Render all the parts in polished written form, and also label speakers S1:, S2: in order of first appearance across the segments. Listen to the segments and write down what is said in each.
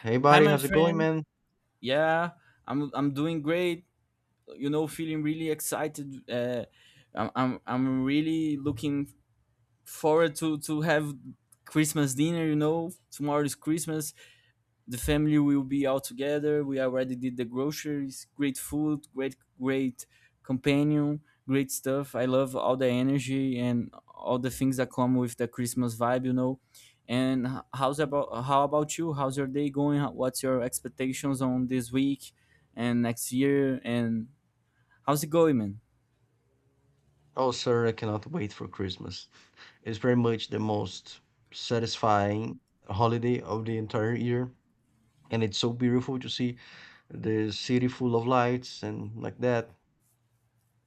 S1: Hey
S2: Hi,
S1: buddy,
S2: my
S1: how's it going,
S2: friend.
S1: man?
S2: Yeah, I'm doing great. You know, feeling really excited. I'm really looking forward to have Christmas dinner. You know, tomorrow is Christmas, the family will be all together. We already did the groceries, great food, great companion, great stuff. I love all the energy and all the things that come with the Christmas vibe. And how about you? How's your day going? What's your expectations on this week and next year? And how's it going, man?
S1: Oh, sir, I cannot wait for Christmas. It's pretty much the most satisfying holiday of the entire year, and it's so beautiful to see the city full of lights and like that.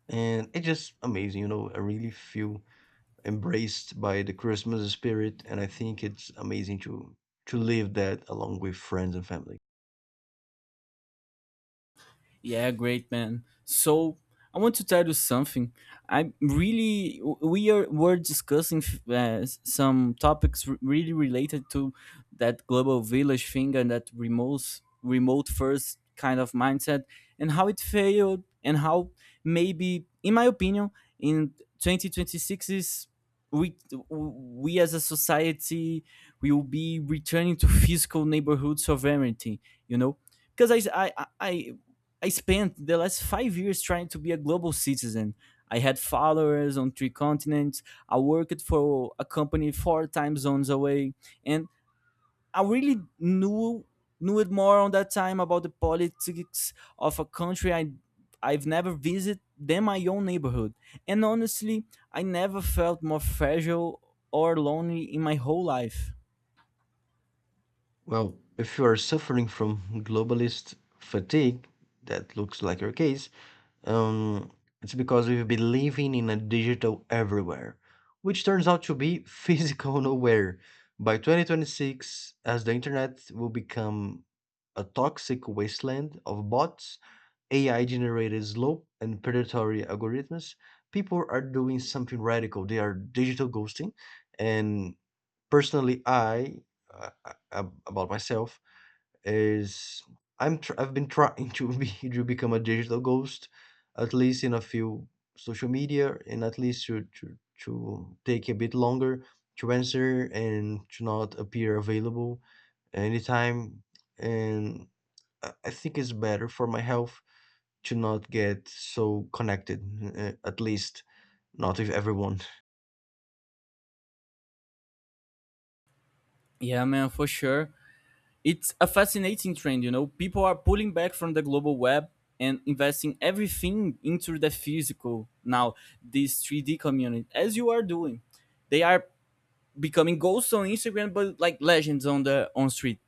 S1: And it's just amazing, you know. I really feel embraced by the Christmas spirit, and I think it's amazing to live that along with friends and family.
S2: Yeah, great man. So I want to tell you something. I'm really we are were discussing some topics really related to that global village thing and that remote first kind of mindset and how it failed and how maybe in my opinion in 2026 is we we as a society will be returning to physical neighborhoods of everything, you know, because I spent the last 5 years trying to be a global citizen. I had followers on three continents. I worked for a company four time zones away, and I really knew it more on that time about the politics of a country I've never visited than my own neighborhood. And honestly, I never felt more fragile or lonely in my whole life.
S1: Well, if you are suffering from globalist fatigue, that looks like your case. Um, it's because we've been living in a digital everywhere, which turns out to be physical nowhere. By 2026, as the internet will become a toxic wasteland of bots, AI generated slow and predatory algorithms, people are doing something radical. They are digital ghosting. And personally, uh, about myself, is I've been trying to become a digital ghost, at least in a few social media, and at least to take a bit longer to answer and to not appear available anytime. And I think it's better for my health to not get so connected, at least not with everyone.
S2: Yeah, man, for sure. It's a fascinating trend, you know. People are pulling back from the global web and investing everything into the physical now, this 3D community, as you are doing. They are becoming ghosts on Instagram, but like legends on the on street.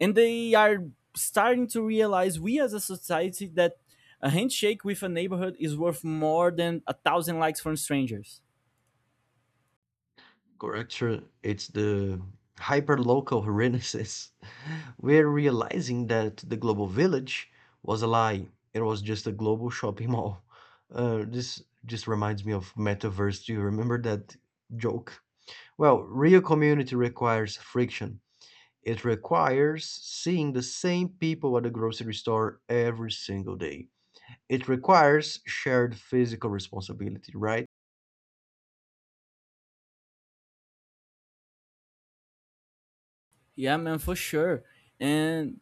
S2: And they are starting to realize we as a society that a handshake with a neighborhood is worth more than a thousand likes from strangers.
S1: Correct, sure. It's the hyper local renaissance. We're realizing that the global village was a lie. It was just a global shopping mall. This just reminds me of Metaverse. Do you remember that joke? Well, real community requires friction. It requires seeing the same people at the grocery store every single day. It requires shared physical responsibility, right?
S2: Yeah, man, for sure. And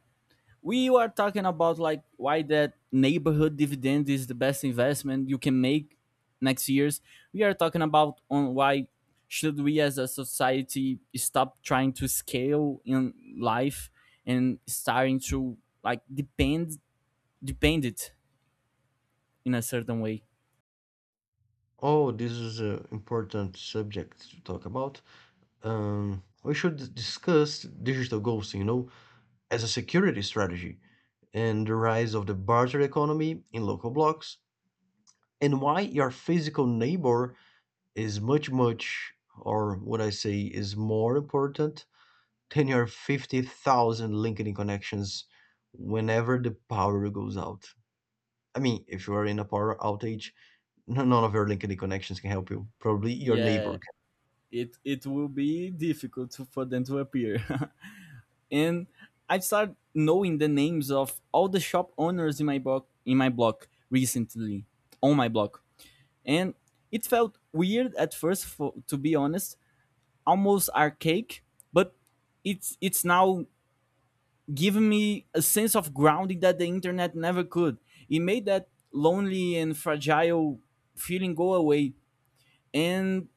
S2: we were talking about like why that neighborhood dividend is the best investment you can make next years. We are talking about on why should we as a society stop trying to scale in life and starting to like depend depend it in a certain way.
S1: Oh, this is an important subject to talk about. We should discuss digital goals, you know, as a security strategy, and the rise of the barter economy in local blocks, and why your physical neighbor is much, or what I say, is more important than your 50,000 linkedin connections whenever the power goes out. I mean, if you are in a power outage, none of your linkedin connections can help you. Probably your
S2: Yeah,
S1: neighbor
S2: it will be difficult for them to appear and I started knowing the names of all the shop owners in my block, and it felt weird at first, for, to be honest, almost archaic, but it's now given me a sense of grounding that the internet never could. It made that lonely and fragile feeling go away. And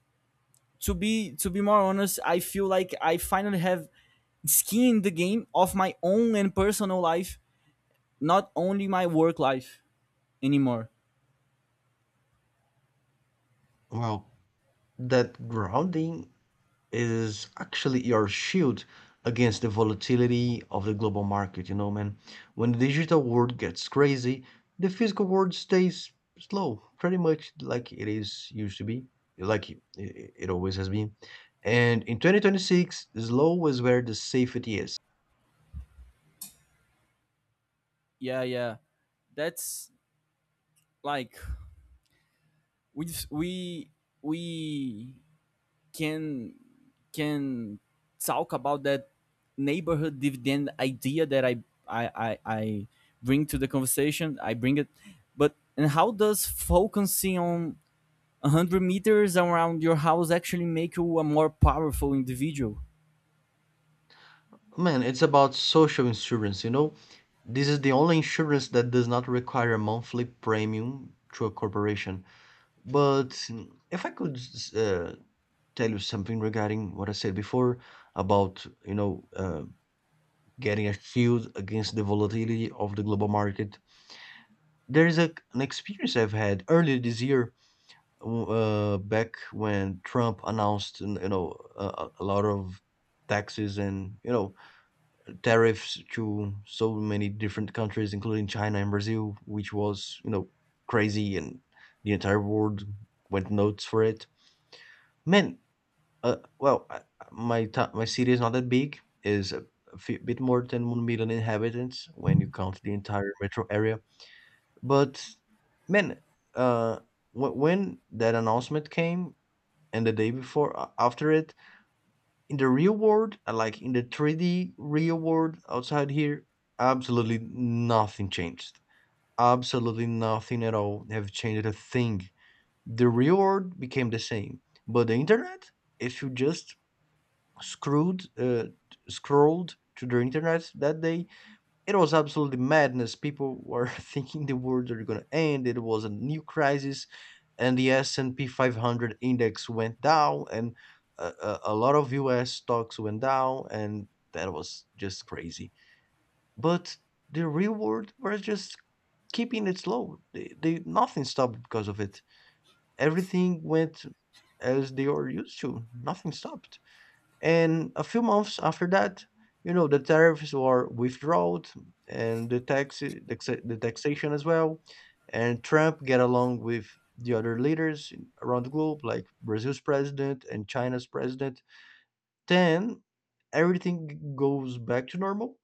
S2: to be more honest, I feel like I finally have skin in the game of my own and personal life, not only my work life anymore.
S1: can. Well, that grounding is actually your shield against the volatility of the global market, you know, man. When the digital world gets crazy, the physical world stays slow, pretty much like it is used to be, like it always has been. And in 2026, slow is where the safety is.
S2: Yeah, yeah. That's like we we we can can talk about that neighborhood dividend idea that I bring to the conversation. I bring it, but and how does focusing on 100 m meters around your house actually make you a more powerful individual?
S1: Man, it's about social insurance, you know? This is the only insurance that does not require a monthly premium to a corporation. But if I could uh, tell you something regarding what I said before about, you know, getting a shield against the volatility of the global market. There is an experience I've had earlier this year, back when Trump announced, you know, a lot of taxes and, you know, tariffs to so many different countries, including China and Brazil, which was, you know, crazy, and the entire world went nuts for it. Man, well, I, my to my city is not that big. Is a few, bit more than 1 million inhabitants when you count the entire metro area. But man, uh, when that announcement came and the day before after it, in the real world, like in the 3D real world outside here, absolutely nothing changed. Absolutely nothing at all have changed a thing. The real world became the same, but the internet, if you just screwed scrolled to the internet that day, it was absolutely madness. People were thinking the world are going to end, it was a new crisis, and the s&p 500 index went down, and a lot of us stocks went down, and that was just crazy. But the real world was just keeping it slow. They Nothing stopped because of it. Everything went as they are used to. Nothing stopped. And a few months after that, you know, the tariffs were withdrawn and the taxation as well. And Trump get along with the other leaders around the globe, like Brazil's president and China's president. Then everything goes back to normal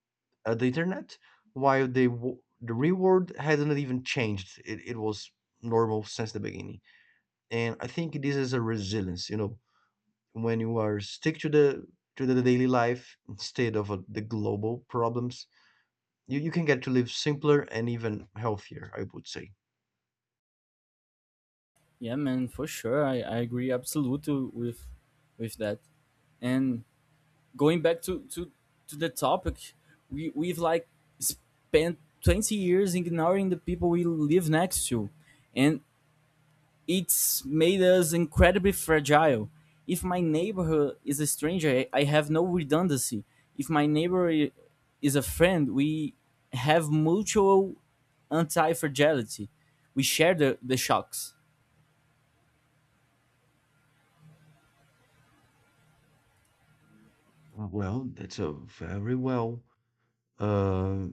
S1: at the internet, while the real world hasn't even changed. It was normal since the beginning. And I think this is a resilience, you know, when you are stick to the daily life instead of the global problems, you can get to live simpler and even healthier, I would say.
S2: Yeah, man, for sure. I agree absolutely with that. And going back to the topic, we we've like spent 20 years ignoring the people we live next to, and it's made us incredibly fragile. If my neighborhood is a stranger, I have no redundancy. If my neighbor is a friend, we have mutual anti-fragility. We share the shocks.
S1: Well, that's a uh,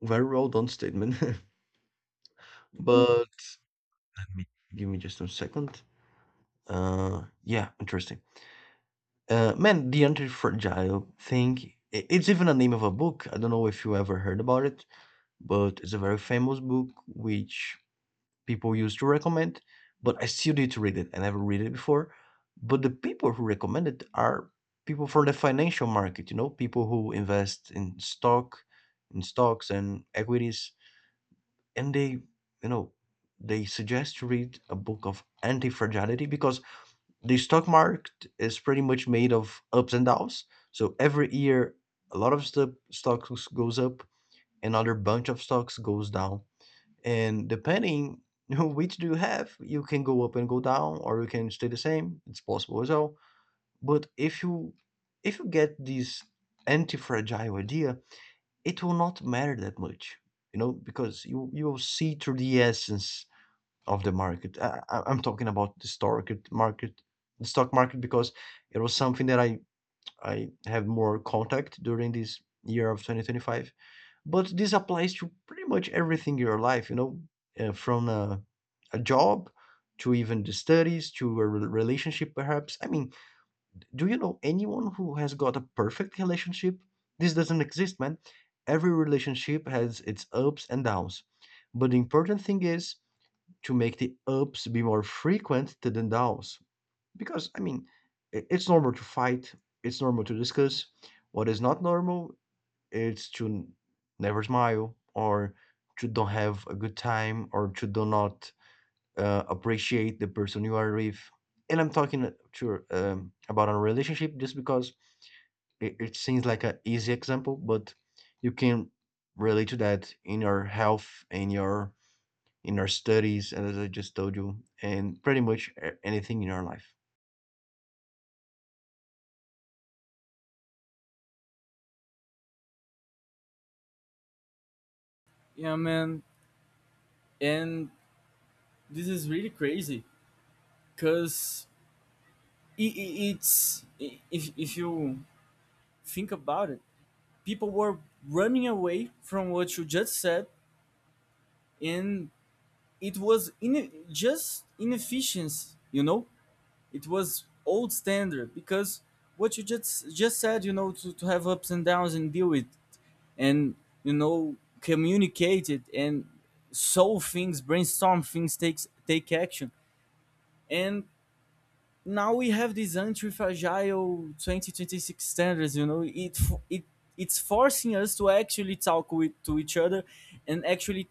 S1: very well done statement. But give me just a second. Yeah, interesting. Man, the anti-fragile thing. It's even a name of a book. I don't know if you ever heard about it, but it's a very famous book which people used to recommend, but I still need to read it. I never read it before. But the people who recommend it are people from the financial market, you know, people who invest in stocks and equities. And they, you know, they suggest to read a book of anti-fragility because the stock market is pretty much made of ups and downs. So every year a lot of stuff stocks goes up, another bunch of stocks goes down, and depending which do you have, you can go up and go down, or you can stay the same. It's possible as well. But if you get this anti-fragile idea, it will not matter that much, you know, because you will see through the essence of the market. I'm talking about market, the stock market, because it was something that I have more contact during this year of 2025, but this applies to pretty much everything in your life, you know, from a job to even the studies to a relationship, perhaps. I mean, do you know anyone who has got a perfect relationship? This doesn't exist, man. Every relationship has its ups and downs. But the important thing is to make the ups be more frequent than the downs. Because, I mean, it's normal to fight, it's normal to discuss. What is not normal it's to never smile, or to don't have a good time, or to do not appreciate the person you are with. And I'm talking to about a relationship just because it seems like an easy example, but you can relate to that in your health, in your studies, and as I just told you, and pretty much anything in your life.
S2: Yeah, man. And this is really crazy because it, it's if you think about it, people were running away from what you just said, and it was in just inefficiency. You know, it was old standard because what you just said. You know, to have ups and downs and deal with, and you know, communicate it and solve things, brainstorm things, take action, and now we have these anti-fragile 2026 standards, you know. It it it's forcing us to actually talk with to each other and actually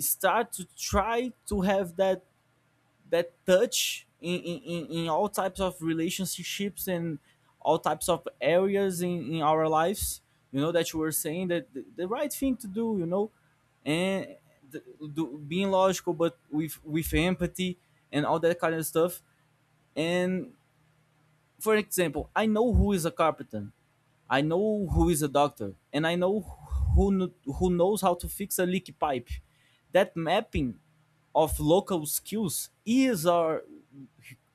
S2: start to try to have that touch in all types of relationships and all types of areas in our lives. You know that you were saying that the right thing to do, you know, and the, being logical but with empathy and all that kind of stuff. And for example, I know who is a carpenter, I know who is a doctor, and I know who knows how to fix a leaky pipe. That mapping of local skills is our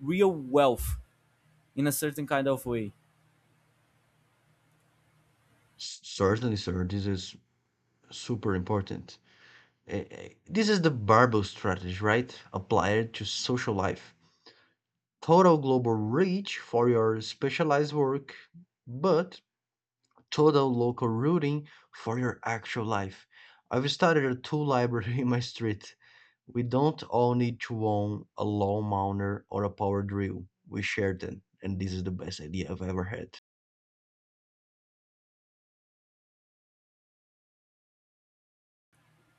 S2: real wealth in a certain kind of way.
S1: Certainly, sir, this is super important. This is the barbell strategy, right? Applied to social life. Total global reach for your specialized work, but total local routing for your actual life. I've started a tool library in my street. We don't all need to own a lawn mower or a power drill. We share them, and this is the best idea I've ever had.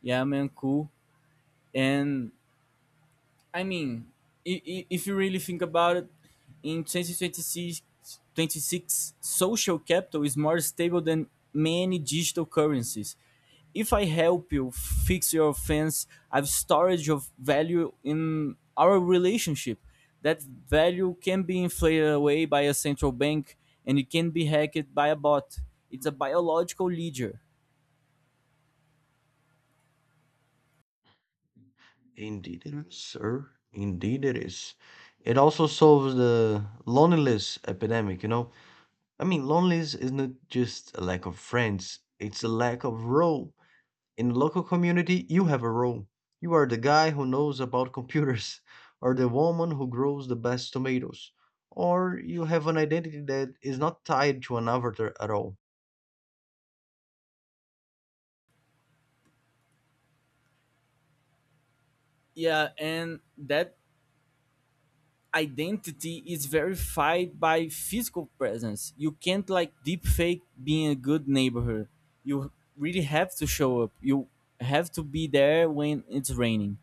S2: Yeah, man, cool. And I mean, if you really think about it, in 2026, social capital is more stable than many digital currencies. If I help you fix your fence, I've storage of value in our relationship. That value can be inflated away by a central bank and it can be hacked by a bot. It's a biological ledger.
S1: Indeed it is, sir. Indeed it is. It also solves the loneliness epidemic, you know. I mean, loneliness is not just a lack of friends, it's a lack of role. In local community, you have a role. You are the guy who knows about computers, or the woman who grows the best tomatoes, or you have an identity that is not tied to an avatar at all.
S2: Yeah, and that identity is verified by physical presence. You can't like deep fake being a good neighborhood. You really have to show up. You have to be there when it's raining.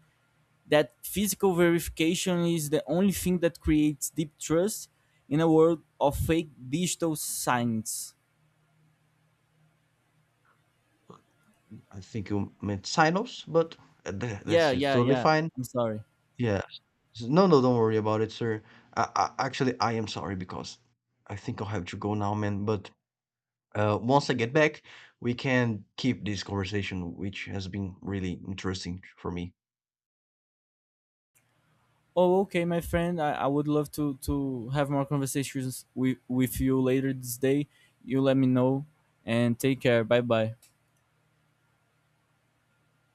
S2: That physical verification is the only thing that creates deep trust in a world of fake digital signs.
S1: I think you meant silos, but tha-
S2: Yeah,
S1: that's it's
S2: yeah,
S1: totally
S2: yeah.
S1: fine.
S2: I'm sorry.
S1: Yeah. No, no, don't worry about it, sir. Actually, I am sorry because I think I'll have to go now, man. But once I get back, we can keep this conversation, which has been really interesting for me.
S2: Oh, okay, my friend. I would love to have more conversations with you later this day. You let me know and take care. Bye bye.